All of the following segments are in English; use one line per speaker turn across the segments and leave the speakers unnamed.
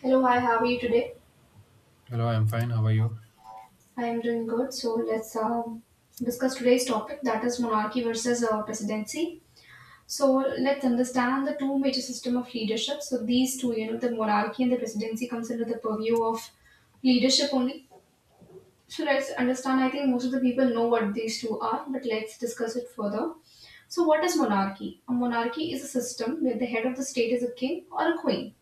Hello, hi, how are you today?
Hello, I'm fine. How are you?
I am doing good. So let's discuss today's topic, that is monarchy versus presidency. So let's understand the two major system of leadership. So these two, you know, the monarchy and the presidency comes under the purview of leadership only. So let's understand. I think most of the people know what these two are, but let's discuss it further. So what is monarchy? A monarchy is a system where the head of the state is a king or a queen.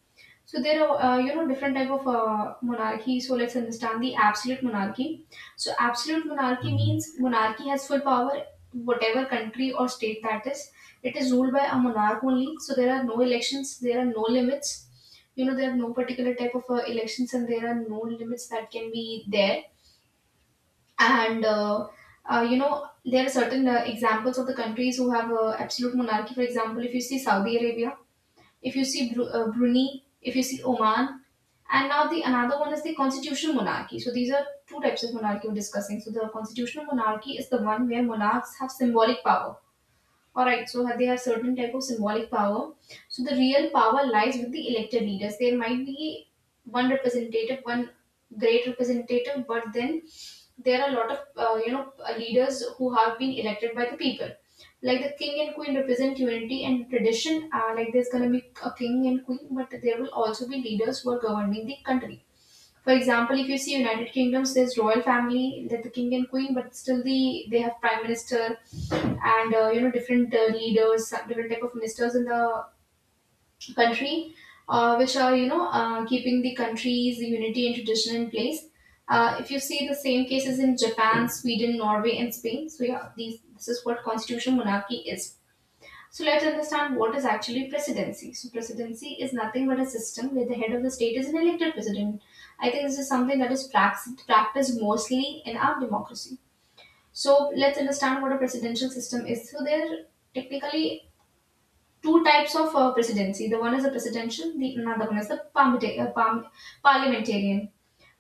So there are you know different type of monarchy. So let's understand the absolute monarchy. So absolute monarchy
Mhm.
means monarchy has full power, whatever country or state that is. It is ruled by a monarch only. So there are no elections. There are no limits. You know there are no particular type of elections, and there are no limits that can be there. And You know there are certain examples of the countries who have absolute monarchy. For example, if you see Saudi Arabia, if you see Brunei, if you see Oman, and now the another one is the constitutional monarchy. So these are two types of monarchy we're discussing. So the constitutional monarchy is the one where monarchs have symbolic power, all right, so they have certain type of symbolic power. So the real power lies with the elected leaders. There might be one representative, one great representative, but then there are a lot of you know leaders who have been elected by the people. Like the king and queen represent unity and tradition. Like there's gonna be a king and queen, but there will also be leaders who are governing the country. For example, if you see United Kingdoms, there's royal family, that the king and queen, but still they have prime minister and you know different leaders, some different type of ministers in the country, which are you know keeping the country's unity and tradition in place. If you see the same cases in Japan, Sweden, Norway, and Spain, so yeah, these this is what constitutional monarchy is. So let's understand what is actually presidency. So presidency is nothing but a system where the head of the state is an elected president. I think this is something that is practiced mostly in our democracy. So let's understand what a presidential system is. So there are technically two types of presidency. The one is the presidential, the another one is the parliamentarian.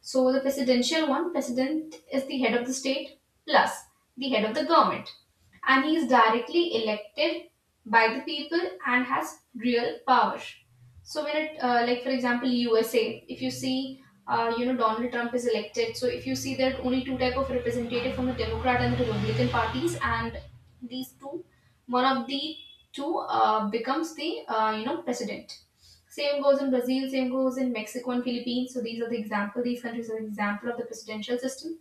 So the presidential one, president is the head of the state plus the head of the government. And he is directly elected by the people and has real power. So when it, like for example, USA, if you see, you know, Donald Trump is elected. So if you see there are only two type of representative from the Democrat and the Republican parties, and these two, one of the two becomes the, you know, president. Same goes in Brazil, same goes in Mexico and Philippines. So these are the example. These countries are the example of the presidential system.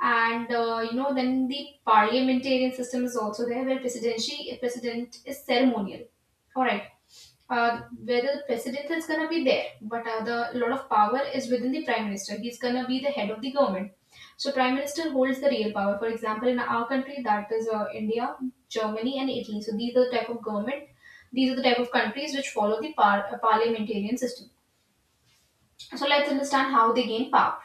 And you know, then the parliamentarian system is also there, where presidency president is ceremonial. All right, whether the president is going to be there, but the lot of power is within the prime minister. He's going to be the head of the government. So prime minister holds the real power. For example, in our country, that is India, Germany, and Italy. So these are the type of government. These are the type of countries which follow the parliamentarian system. So let's understand how they gain power.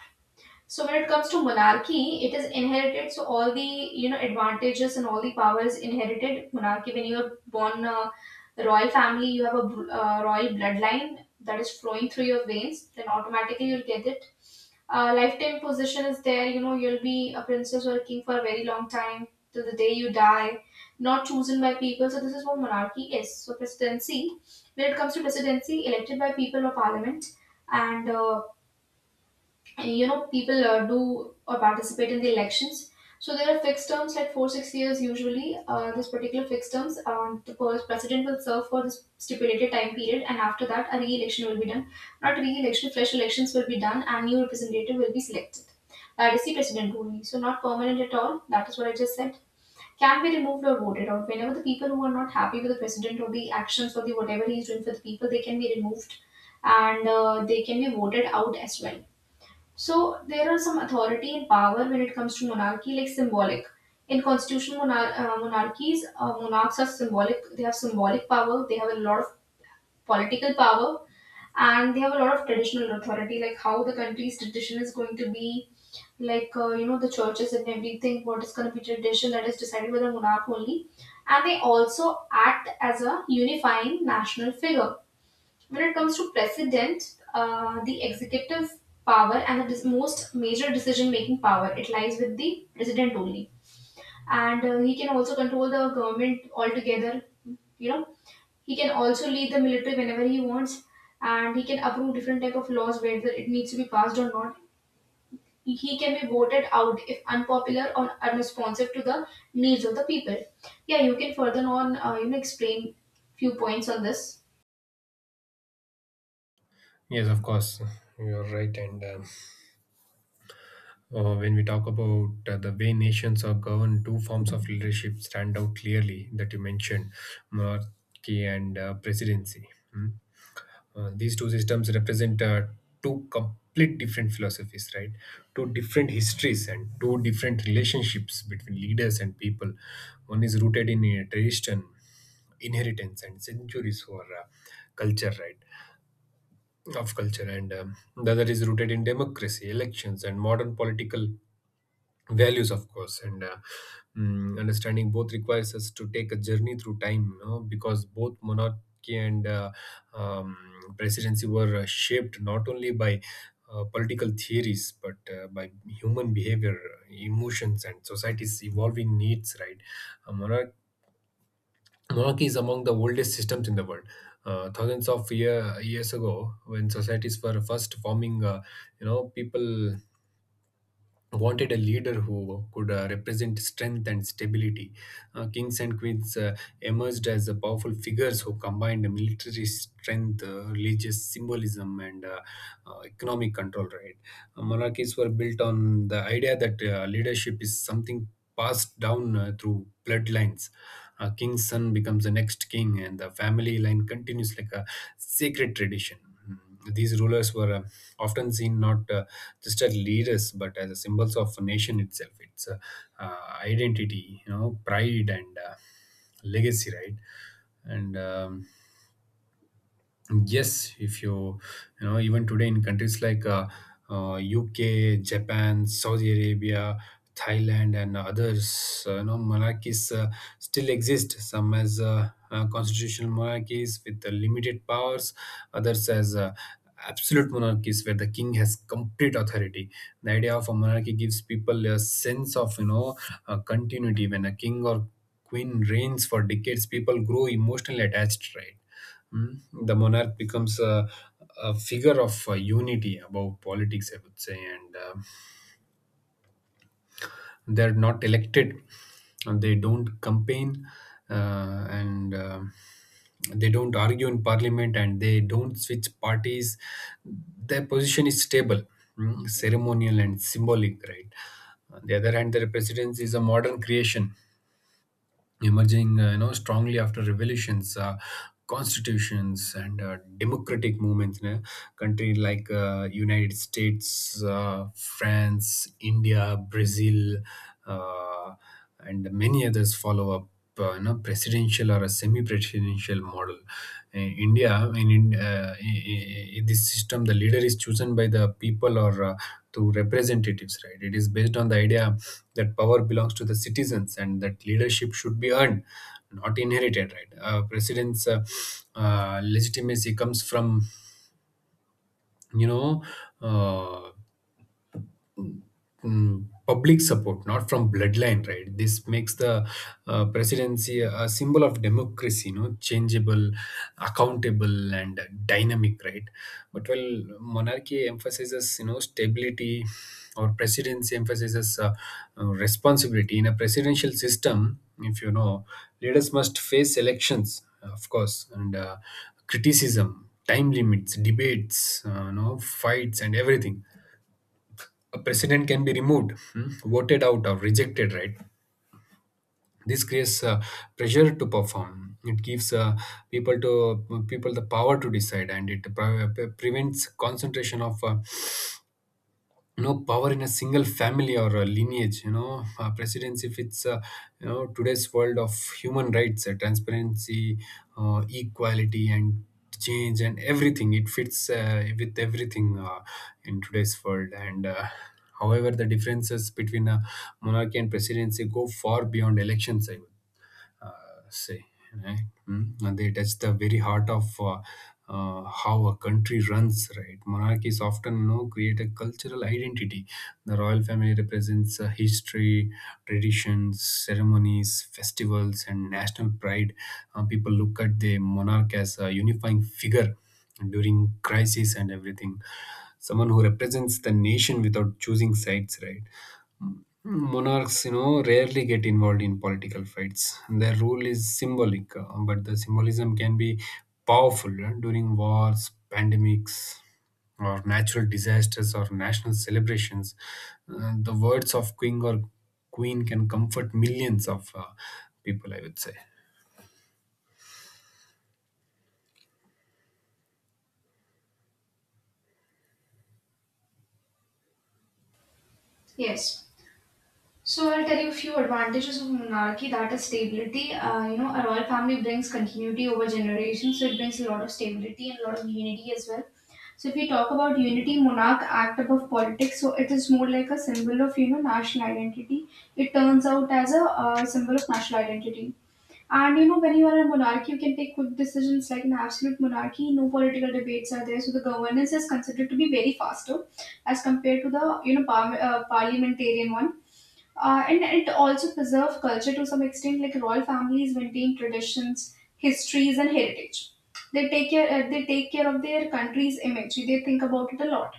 So when it comes to monarchy, it is inherited. So all the you know advantages and all the power is inherited. Monarchy, when you are born royal family, you have a royal bloodline that is flowing through your veins. Then automatically you'll get it. Lifetime position is there. You know you'll be a princess or a king for a very long time till the day you die. Not chosen by people. So this is what monarchy is. So when it comes to presidency, elected by people or parliament, and you know people do or participate in the elections. So there are fixed terms like 4 6 years usually. Uh, this particular fixed terms, the president will serve for this stipulated time period, and after that a re-election will be done. Not re-election, fresh elections will be done and new representative will be selected, that is the president only. So not permanent at all, that is what I just said. Can be removed or voted out whenever the people who are not happy with the president or the actions or the whatever he is doing for the people, they can be removed and they can be voted out as well. So there are some authority and power when it comes to monarchy, like symbolic. In constitutional monarchies, monarchs are symbolic. They have symbolic power. They have a lot of political power, and they have a lot of traditional authority, like how the country's tradition is going to be, like you know the churches and everything. What is going to be tradition that is decided by the monarch only, and they also act as a unifying national figure. When it comes to president, the executive power and the most major decision-making power, it lies with the president only, and he can also control the government altogether. You know, he can also lead the military whenever he wants, and he can approve different type of laws whether it needs to be passed or not. He can be voted out if unpopular or unresponsive to the needs of the people. Yeah, you can further on, you know, explain few points on this.
Yes, of course. You're right. And when we talk about the way nations are governed, two forms of leadership stand out clearly that you mentioned monarchy and presidency. Mm. These two systems represent two complete different philosophies, right? Two different histories and two different relationships between leaders and people. One is rooted in tradition, inheritance and centuries for culture of culture, and the other is rooted in democracy, elections, and modern political values, of course. Understanding both requires us to take a journey through time, you know, because both monarchy and um, presidency were shaped not only by political theories but by human behavior emotions and society's evolving needs, right. A monarchy Knock is among the oldest systems in the world. Thousands of years ago, when societies were first forming, you know, people wanted a leader who could represent strength and stability. Kings and queens emerged as powerful figures who combined military strength, religious symbolism, and economic control. Right. Monarchies were built on the idea that leadership is something passed down through bloodlines. A king's son becomes the next king, and the family line continues like a sacred tradition. Mm. These rulers were often seen not just as leaders but as a symbols of a nation itself. It's uh, identity, you know, pride and legacy, right. and Yes, if you, you know, even today in countries like UK, Japan, Saudi Arabia, Thailand, and others, you know, monarchies still exist. Some as constitutional monarchies with limited powers, others as absolute monarchies where the king has complete authority. The idea of a monarchy gives people a sense of, you know, continuity. When a king or queen reigns for decades, people grow emotionally attached, right? Mm. The monarch becomes a figure of unity above politics, I would say, and they're not elected, and they don't campaign, and they don't argue in parliament, and they don't switch parties. Their position is stable, mm, ceremonial, and symbolic, right? On the other hand, the presidency is a modern creation emerging, you know, strongly after revolutions, constitutions and democratic movements in a country like, United States, France, India, Brazil, uh, and many others follow up you know, presidential or a semi-presidential model. In India, this system, the leader is chosen by the people or through representatives, right? It is based on the idea that power belongs to the citizens and that leadership should be earned, not inherited, right? President's legitimacy comes from, you know, uh, public support, not from bloodline, right? This makes the presidency a symbol of democracy, you know, changeable, accountable, and dynamic, right? But while monarchy emphasizes, you know, stability, or presidency emphasizes responsibility. In a presidential system, if you know, leaders must face elections, of course, and criticism, time limits, debates, you know, fights, and everything. A president can be removed, hmm, voted out, or rejected, right? This creates pressure to perform. It gives people the power to decide, and it prevents concentration of no power in a single family or a lineage, you know. Precedence, if it's you know, today's world of human rights, transparency, equality and change and everything, it fits with everything in today's world. And However, the differences between a monarchy and presidency go far beyond elections, I would say. Right? Mm. And they touch the very heart of how a country runs. Right? Monarchies often, you know, create a cultural identity. The royal family represents history, traditions, ceremonies, festivals, and national pride. People look at the monarch as a unifying figure during crisis and everything, someone who represents the nation without choosing sides, right. Monarchs, you know, rarely get involved in political fights. Their rule is symbolic, but the symbolism can be powerful during wars, pandemics, or natural disasters or national celebrations. The words of king or queen can comfort millions of people, I would say.
Yes. So I'll tell you a few advantages of monarchy. That is stability. You know, a royal family brings continuity over generations, so it brings a lot of stability and a lot of unity as well. So if we talk about unity, monarch act above politics, so it is more like a symbol of you know national identity. It turns out as a symbol of national identity. And you know, when you are in a monarchy, you can take quick decisions like an absolute monarchy. No political debates are there, so the governance is considered to be very faster as compared to the you know parliamentarian one. And it also preserves culture to some extent, like royal families maintain traditions, histories, and heritage. They take care of their country's image. They think about it a lot.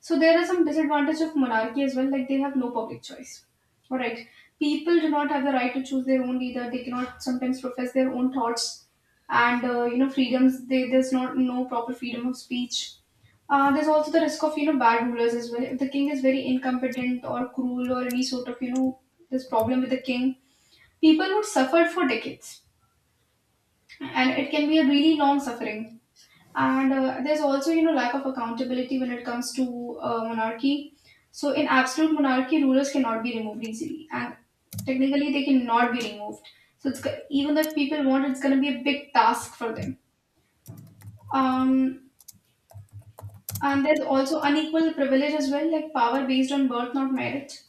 So there are some disadvantages of monarchy as well, like they have no public choice. All right, people do not have the right to choose their own leader. They cannot sometimes profess their own thoughts, and you know freedoms. There's not no proper freedom of speech. There's also the risk of you know bad rulers as well. If the king is very incompetent or cruel or any sort of you know this problem with the king, people would suffer for decades, and it can be a really long suffering. And there's also you know lack of accountability when it comes to monarchy. So in absolute monarchy, rulers cannot be removed easily, and technically they cannot be removed. So even if people want, it's going to be a big task for them. Um, And there's also unequal privilege as well, like power based on birth, not merit.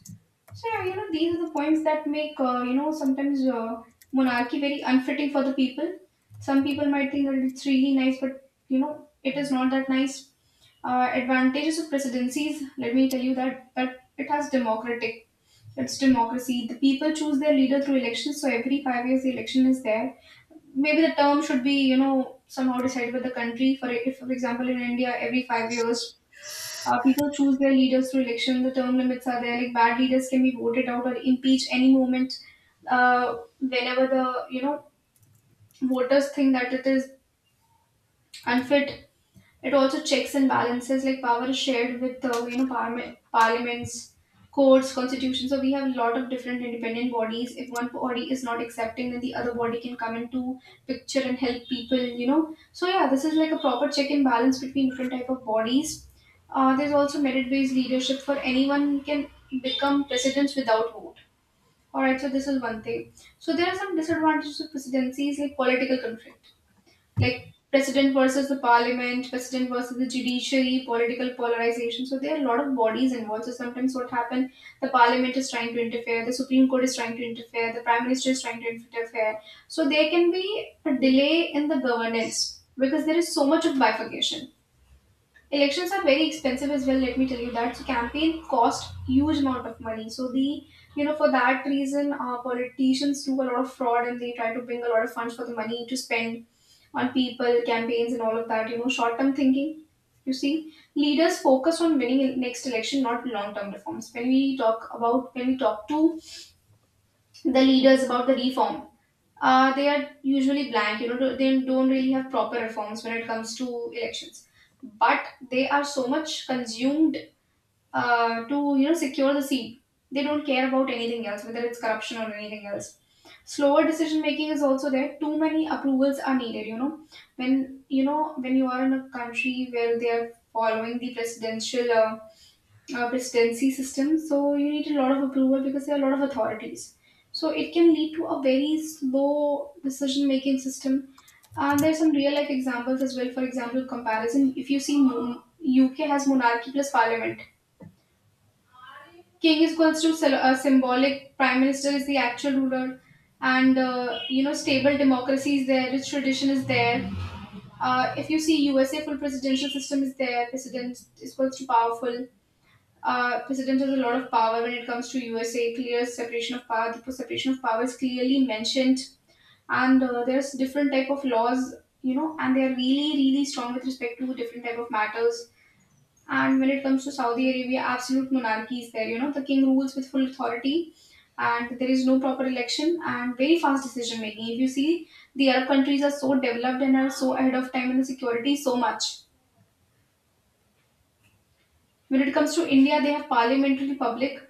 So yeah, you know these are the points that make you know sometimes monarchy very unfitting for the people. Some people might think that it's really nice, but you know it is not that nice. Advantages of presidencies. Let me tell you that it has democratic. It's democracy. The people choose their leader through elections, so every 5 years the election is there. Maybe the term should be you know somehow decided by the country. For if for example in India, every 5 years people choose their leaders through election. The term limits are there. Like bad leaders can be voted out or impeached any moment. Whenever the you know voters think that it is unfit, it also checks and balances, like power is shared with you know parliaments, courts, constitutions. So we have a lot of different independent bodies. If one body is not accepting, then the other body can come into picture and help people. You know. So yeah, this is like a proper check and balance between different type of bodies. There's also merit-based leadership for anyone can become presidents without vote. All right, so this is one thing. So there are some disadvantages of presidencies like political conflict, like president versus the parliament, president versus the judiciary, political polarization. So there are a lot of bodies involved. So sometimes what happened, the parliament is trying to interfere, the Supreme Court is trying to interfere, the prime minister is trying to interfere. So there can be a delay in the governance because there is so much of bifurcation. Elections are very expensive as well, let me tell you that. So campaign cost huge amount of money, so the, you know, for that reason politicians do a lot of fraud and they try to bring a lot of funds for the money to spend on people campaigns and all of that, you know. Short term thinking, you see, leaders focus on winning in next election, not long term reforms. When we talk about, when we talk to the leaders about the reform. They are usually blank, you know, they don't really have proper reforms when it comes to elections. But they are so much consumed to, you know, secure the seat. They don't care about anything else, whether it's corruption or anything else. Slower decision making is also there. Too many approvals are needed, you know. When, you know, when you are in a country where they are following the presidential presidency system. So you need a lot of approval because there are a lot of authorities. So it can lead to a very slow decision making system. And there's some real life examples as well. For example, comparison. If you see, UK has monarchy plus parliament. King is equals to symbolic. Prime minister is the actual ruler, and you know, stable democracy is there. Rich tradition is there. If you see, USA full presidential system is there. President is equals to powerful, president has a lot of power when it comes to USA. Clear separation of power. The separation of power is clearly mentioned, and there's different type of laws, you know, and they're really really strong with respect to different type of matters. And when it comes to Saudi Arabia, absolute monarchy is there. You know, the king rules with full authority, and there is no proper election and very fast decision making. If you see, the Arab countries are so developed and are so ahead of time in the security so much. When it comes to India, they have parliamentary republic.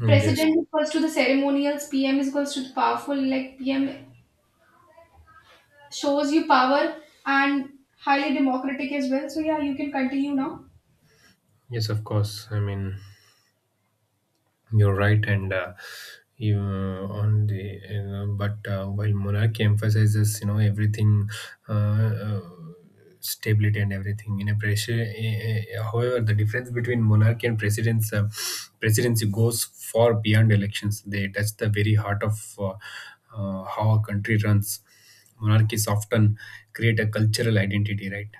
Mm. Yes,
President equals to the ceremonials, PM is equals to the powerful, like PM shows you power, and highly democratic as well. So yeah, you can continue now.
yes, of course. I mean, you're right, and you on the you know, but while monarchy emphasizes, you know, everything, uh, uh, stability and everything in a pressure however, the difference between monarchy and presidents presidency goes far beyond elections. They touch the very heart of how a country runs. Monarchies often create a cultural identity, right.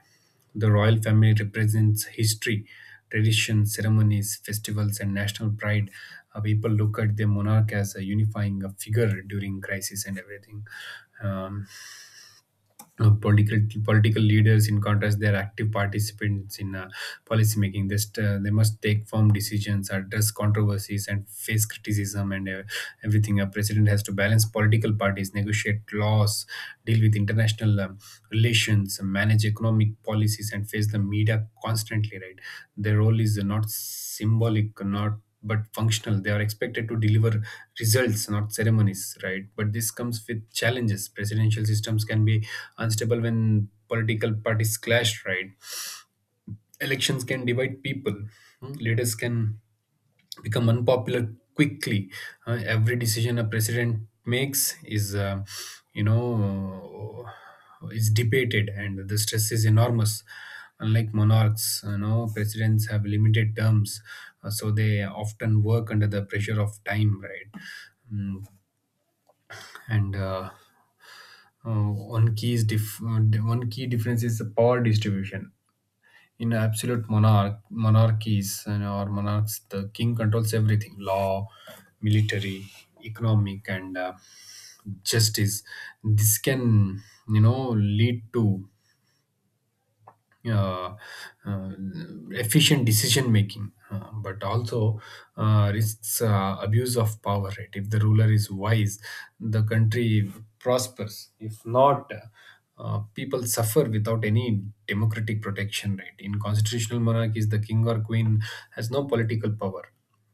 The royal family represents history, tradition, ceremonies, festivals, and national pride. People look at the monarch as a unifying figure during crisis and everything. Um, political political leaders, in contrast, they are active participants in policy making. They must take firm decisions, address controversies and face criticism and everything. A president has to balance political parties, negotiate laws, deal with international relations, manage economic policies and face the media constantly, right. Their role is not symbolic, not but functional. They are expected to deliver results, not ceremonies, right. But this comes with challenges. Presidential systems can be unstable when political parties clash, right? Elections can divide people. Hmm. Leaders can become unpopular quickly. Every decision a president makes is, you know, is debated, and the stress is enormous. Unlike monarchs, you know, presidents have limited terms, so they often work under the pressure of time, right? Mm. and one key is dif- One key difference is the power distribution in absolute monarchies. And or monarchs, the king controls everything: law, military, economic and justice. This can, you know, lead to uh, uh, efficient decision making, but also risks abuse of power, right. If the ruler is wise, the country prospers. If not, people suffer without any democratic protection, right. In constitutional monarchies, the king or queen has no political power.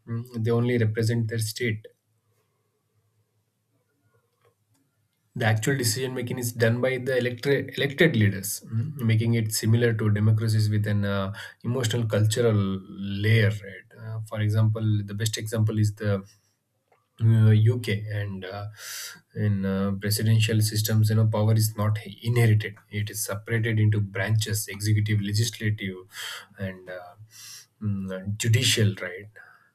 Mm. They only represent their state. The actual decision making is done by the elected leaders, mm, making it similar to democracies with an emotional cultural layer. Right? For example, the best example is the UK. And in presidential systems, you know, power is not inherited. It is separated into branches: executive, legislative, and judicial. Right.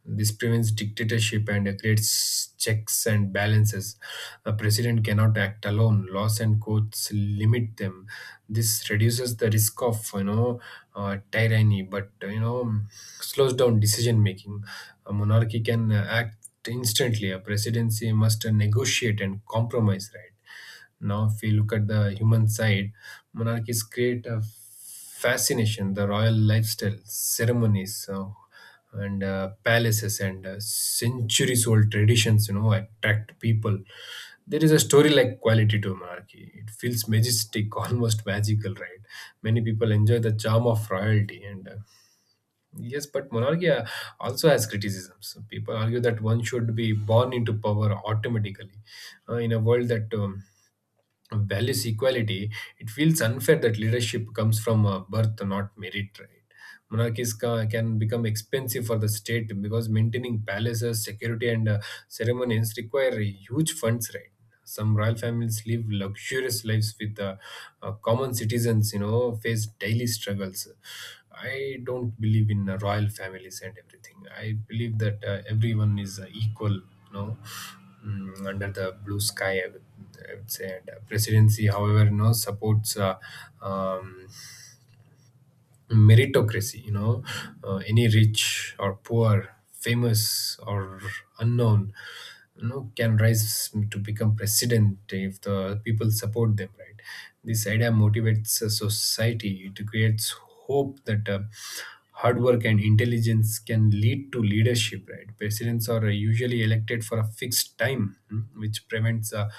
This prevents dictatorship and creates checks and balances. A president cannot act alone. Laws and courts limit them. This reduces the risk of, you know, tyranny, but, you know, slows down decision making. A monarchy can act instantly. A presidency must negotiate and compromise, right? Now, if we look at the human side, monarchies create a fascination: the royal lifestyle, ceremonies, and palaces and centuries old traditions, you know, attract people. There is a story like quality to monarchy. It feels majestic, almost magical, right? Many people enjoy the charm of royalty and yes, but monarchy also has criticisms. People argue that one should be born into power automatically. In a world that values equality, it feels unfair that leadership comes from birth, not merit, right? Monarchies can become expensive for the state because maintaining palaces, security, and ceremonies require huge funds, right? Some royal families live luxurious lives with common citizens, you know, face daily struggles. I don't believe in royal families and everything. I believe that everyone is equal, you know, mm, under the blue sky, I would say. And presidency, however, you know, supports um, meritocracy, you know. Any rich or poor, famous or unknown, you know, can rise to become president if the people support them, right. This idea motivates a society. It creates hope that hard work and intelligence can lead to leadership, right. Presidents are usually elected for a fixed time, hmm, which prevents a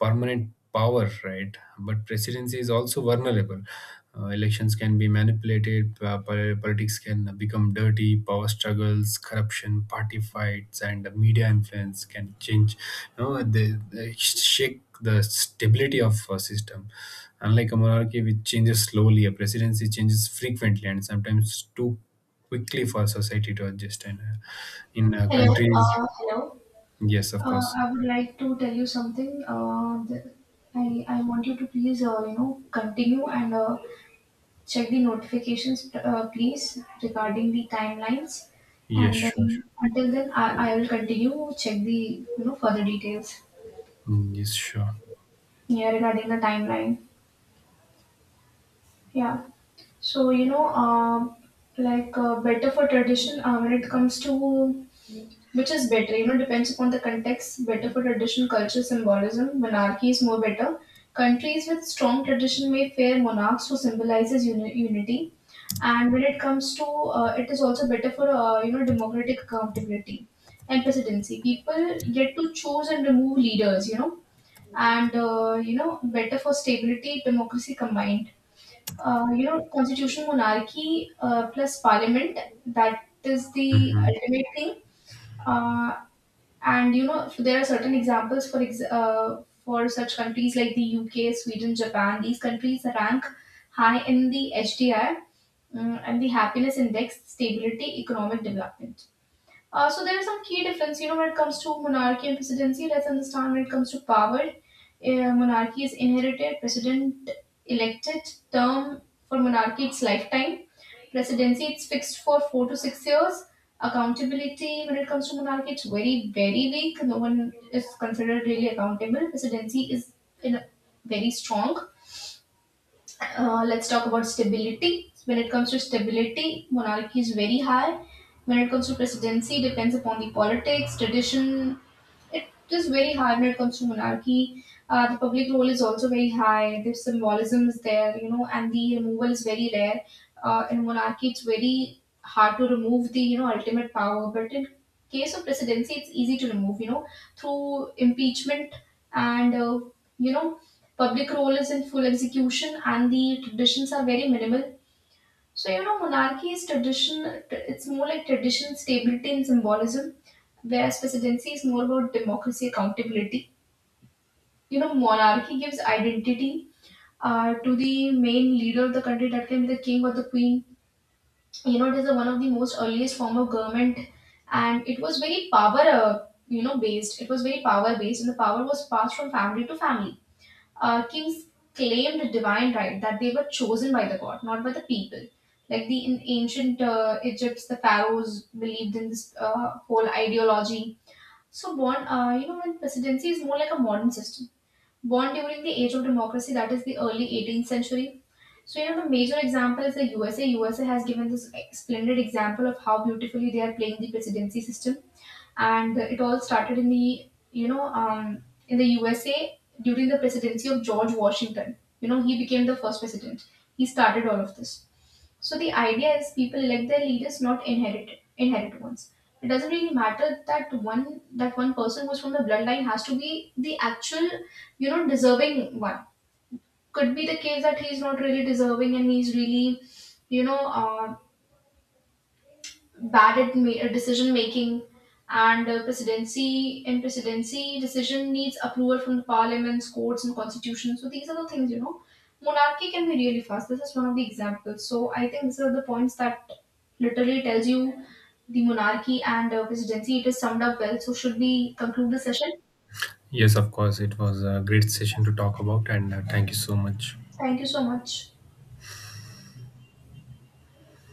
permanent power, right. But presidency is also vulnerable. Elections can be manipulated, politics can become dirty, power struggles, corruption, party fights, and media influence can change, you know, they shake the stability of a system. Unlike a monarchy which changes slowly, a presidency changes frequently and sometimes too quickly for society to adjust. And In
Hello,
countries,
hello.
yes, of course.
I would like to tell you something. I want you to please, you know, continue, and check the notifications, please, regarding the timelines.
Yes,
And
sure,
then
sure.
until then, I will continue, check the, you know, further details,
Mm. Yes, sure.
yeah, regarding the timeline. Yeah. So you know, like better for tradition when it comes to which is better. You know, depends upon the context. Better for tradition, culture, symbolism. Monarchy is more better. Countries with strong tradition may fare monarchs who symbolizes unity. And when it comes to, it is also better for, you know, democratic accountability and presidency. People get to choose and remove leaders. You know, and you know, better for stability, democracy combined, you know, constitution, monarchy plus parliament. That is the
Mhm.
ultimate thing. Uh, and you know, so there are certain examples for for such countries like the UK, Sweden, Japan. These countries rank high in the HDI, and the happiness index, stability, economic development. So there are some key difference, you know, when it comes to monarchy and presidency. Let's understand when it comes to power. Monarchy is inherited, president elected. Term for monarchy it's lifetime. Presidency it's fixed for 4 to 6 years. Accountability when it comes to monarchy it's very very weak. No one is considered really accountable. Presidency is in a very strong. Let's talk about stability. When it comes to stability, monarchy is very high. When it comes to presidency, depends upon the politics tradition. It is very high when it comes to monarchy. The public role is also very high, the symbolism is there, you know, and the removal is very rare. In monarchy it's very hard to remove the, you know, ultimate power, but in case of presidency it's easy to remove, you know, through impeachment, and you know, public role is in full execution and the traditions are very minimal. So you know, monarchy is tradition. It's more like tradition, stability, and symbolism. Whereas presidency is more about democracy, accountability. You know, monarchy gives identity to the main leader of the country. That can be the king or the queen. You know, it is one of the most earliest form of government, and it was very power. You know, based. It was very power based, and the power was passed from family to family. Kings claimed divine right that they were chosen by the god, not by the people. Like the in ancient Egypt, the pharaohs believed in this whole ideology. So born, you know, when presidency is more like a modern system. Born during the age of democracy, that is the early 18th century. So you know, the major example is the USA. USA has given this splendid example of how beautifully they are playing the presidency system, and it all started in the, you know, in the USA during the presidency of George Washington. You know he became the first president. He started all of this. So the idea is people elect their leaders, not inherit ones. It doesn't really matter that one person who's from the bloodline has to be the actual, you know, deserving one. Could be the case that he's not really deserving and he's really, you know, bad at decision making, and presidency, in presidency decision needs approval from the parliaments, courts and constitution. So these are the things, you know, monarchy can be really fast, this is one of the examples. So I think these are the points that literally tells you the monarchy and presidency, it is summed up well. So should we conclude the session?
Yes, of course. It was a great session to talk about, and thank you so much.
Thank you so much.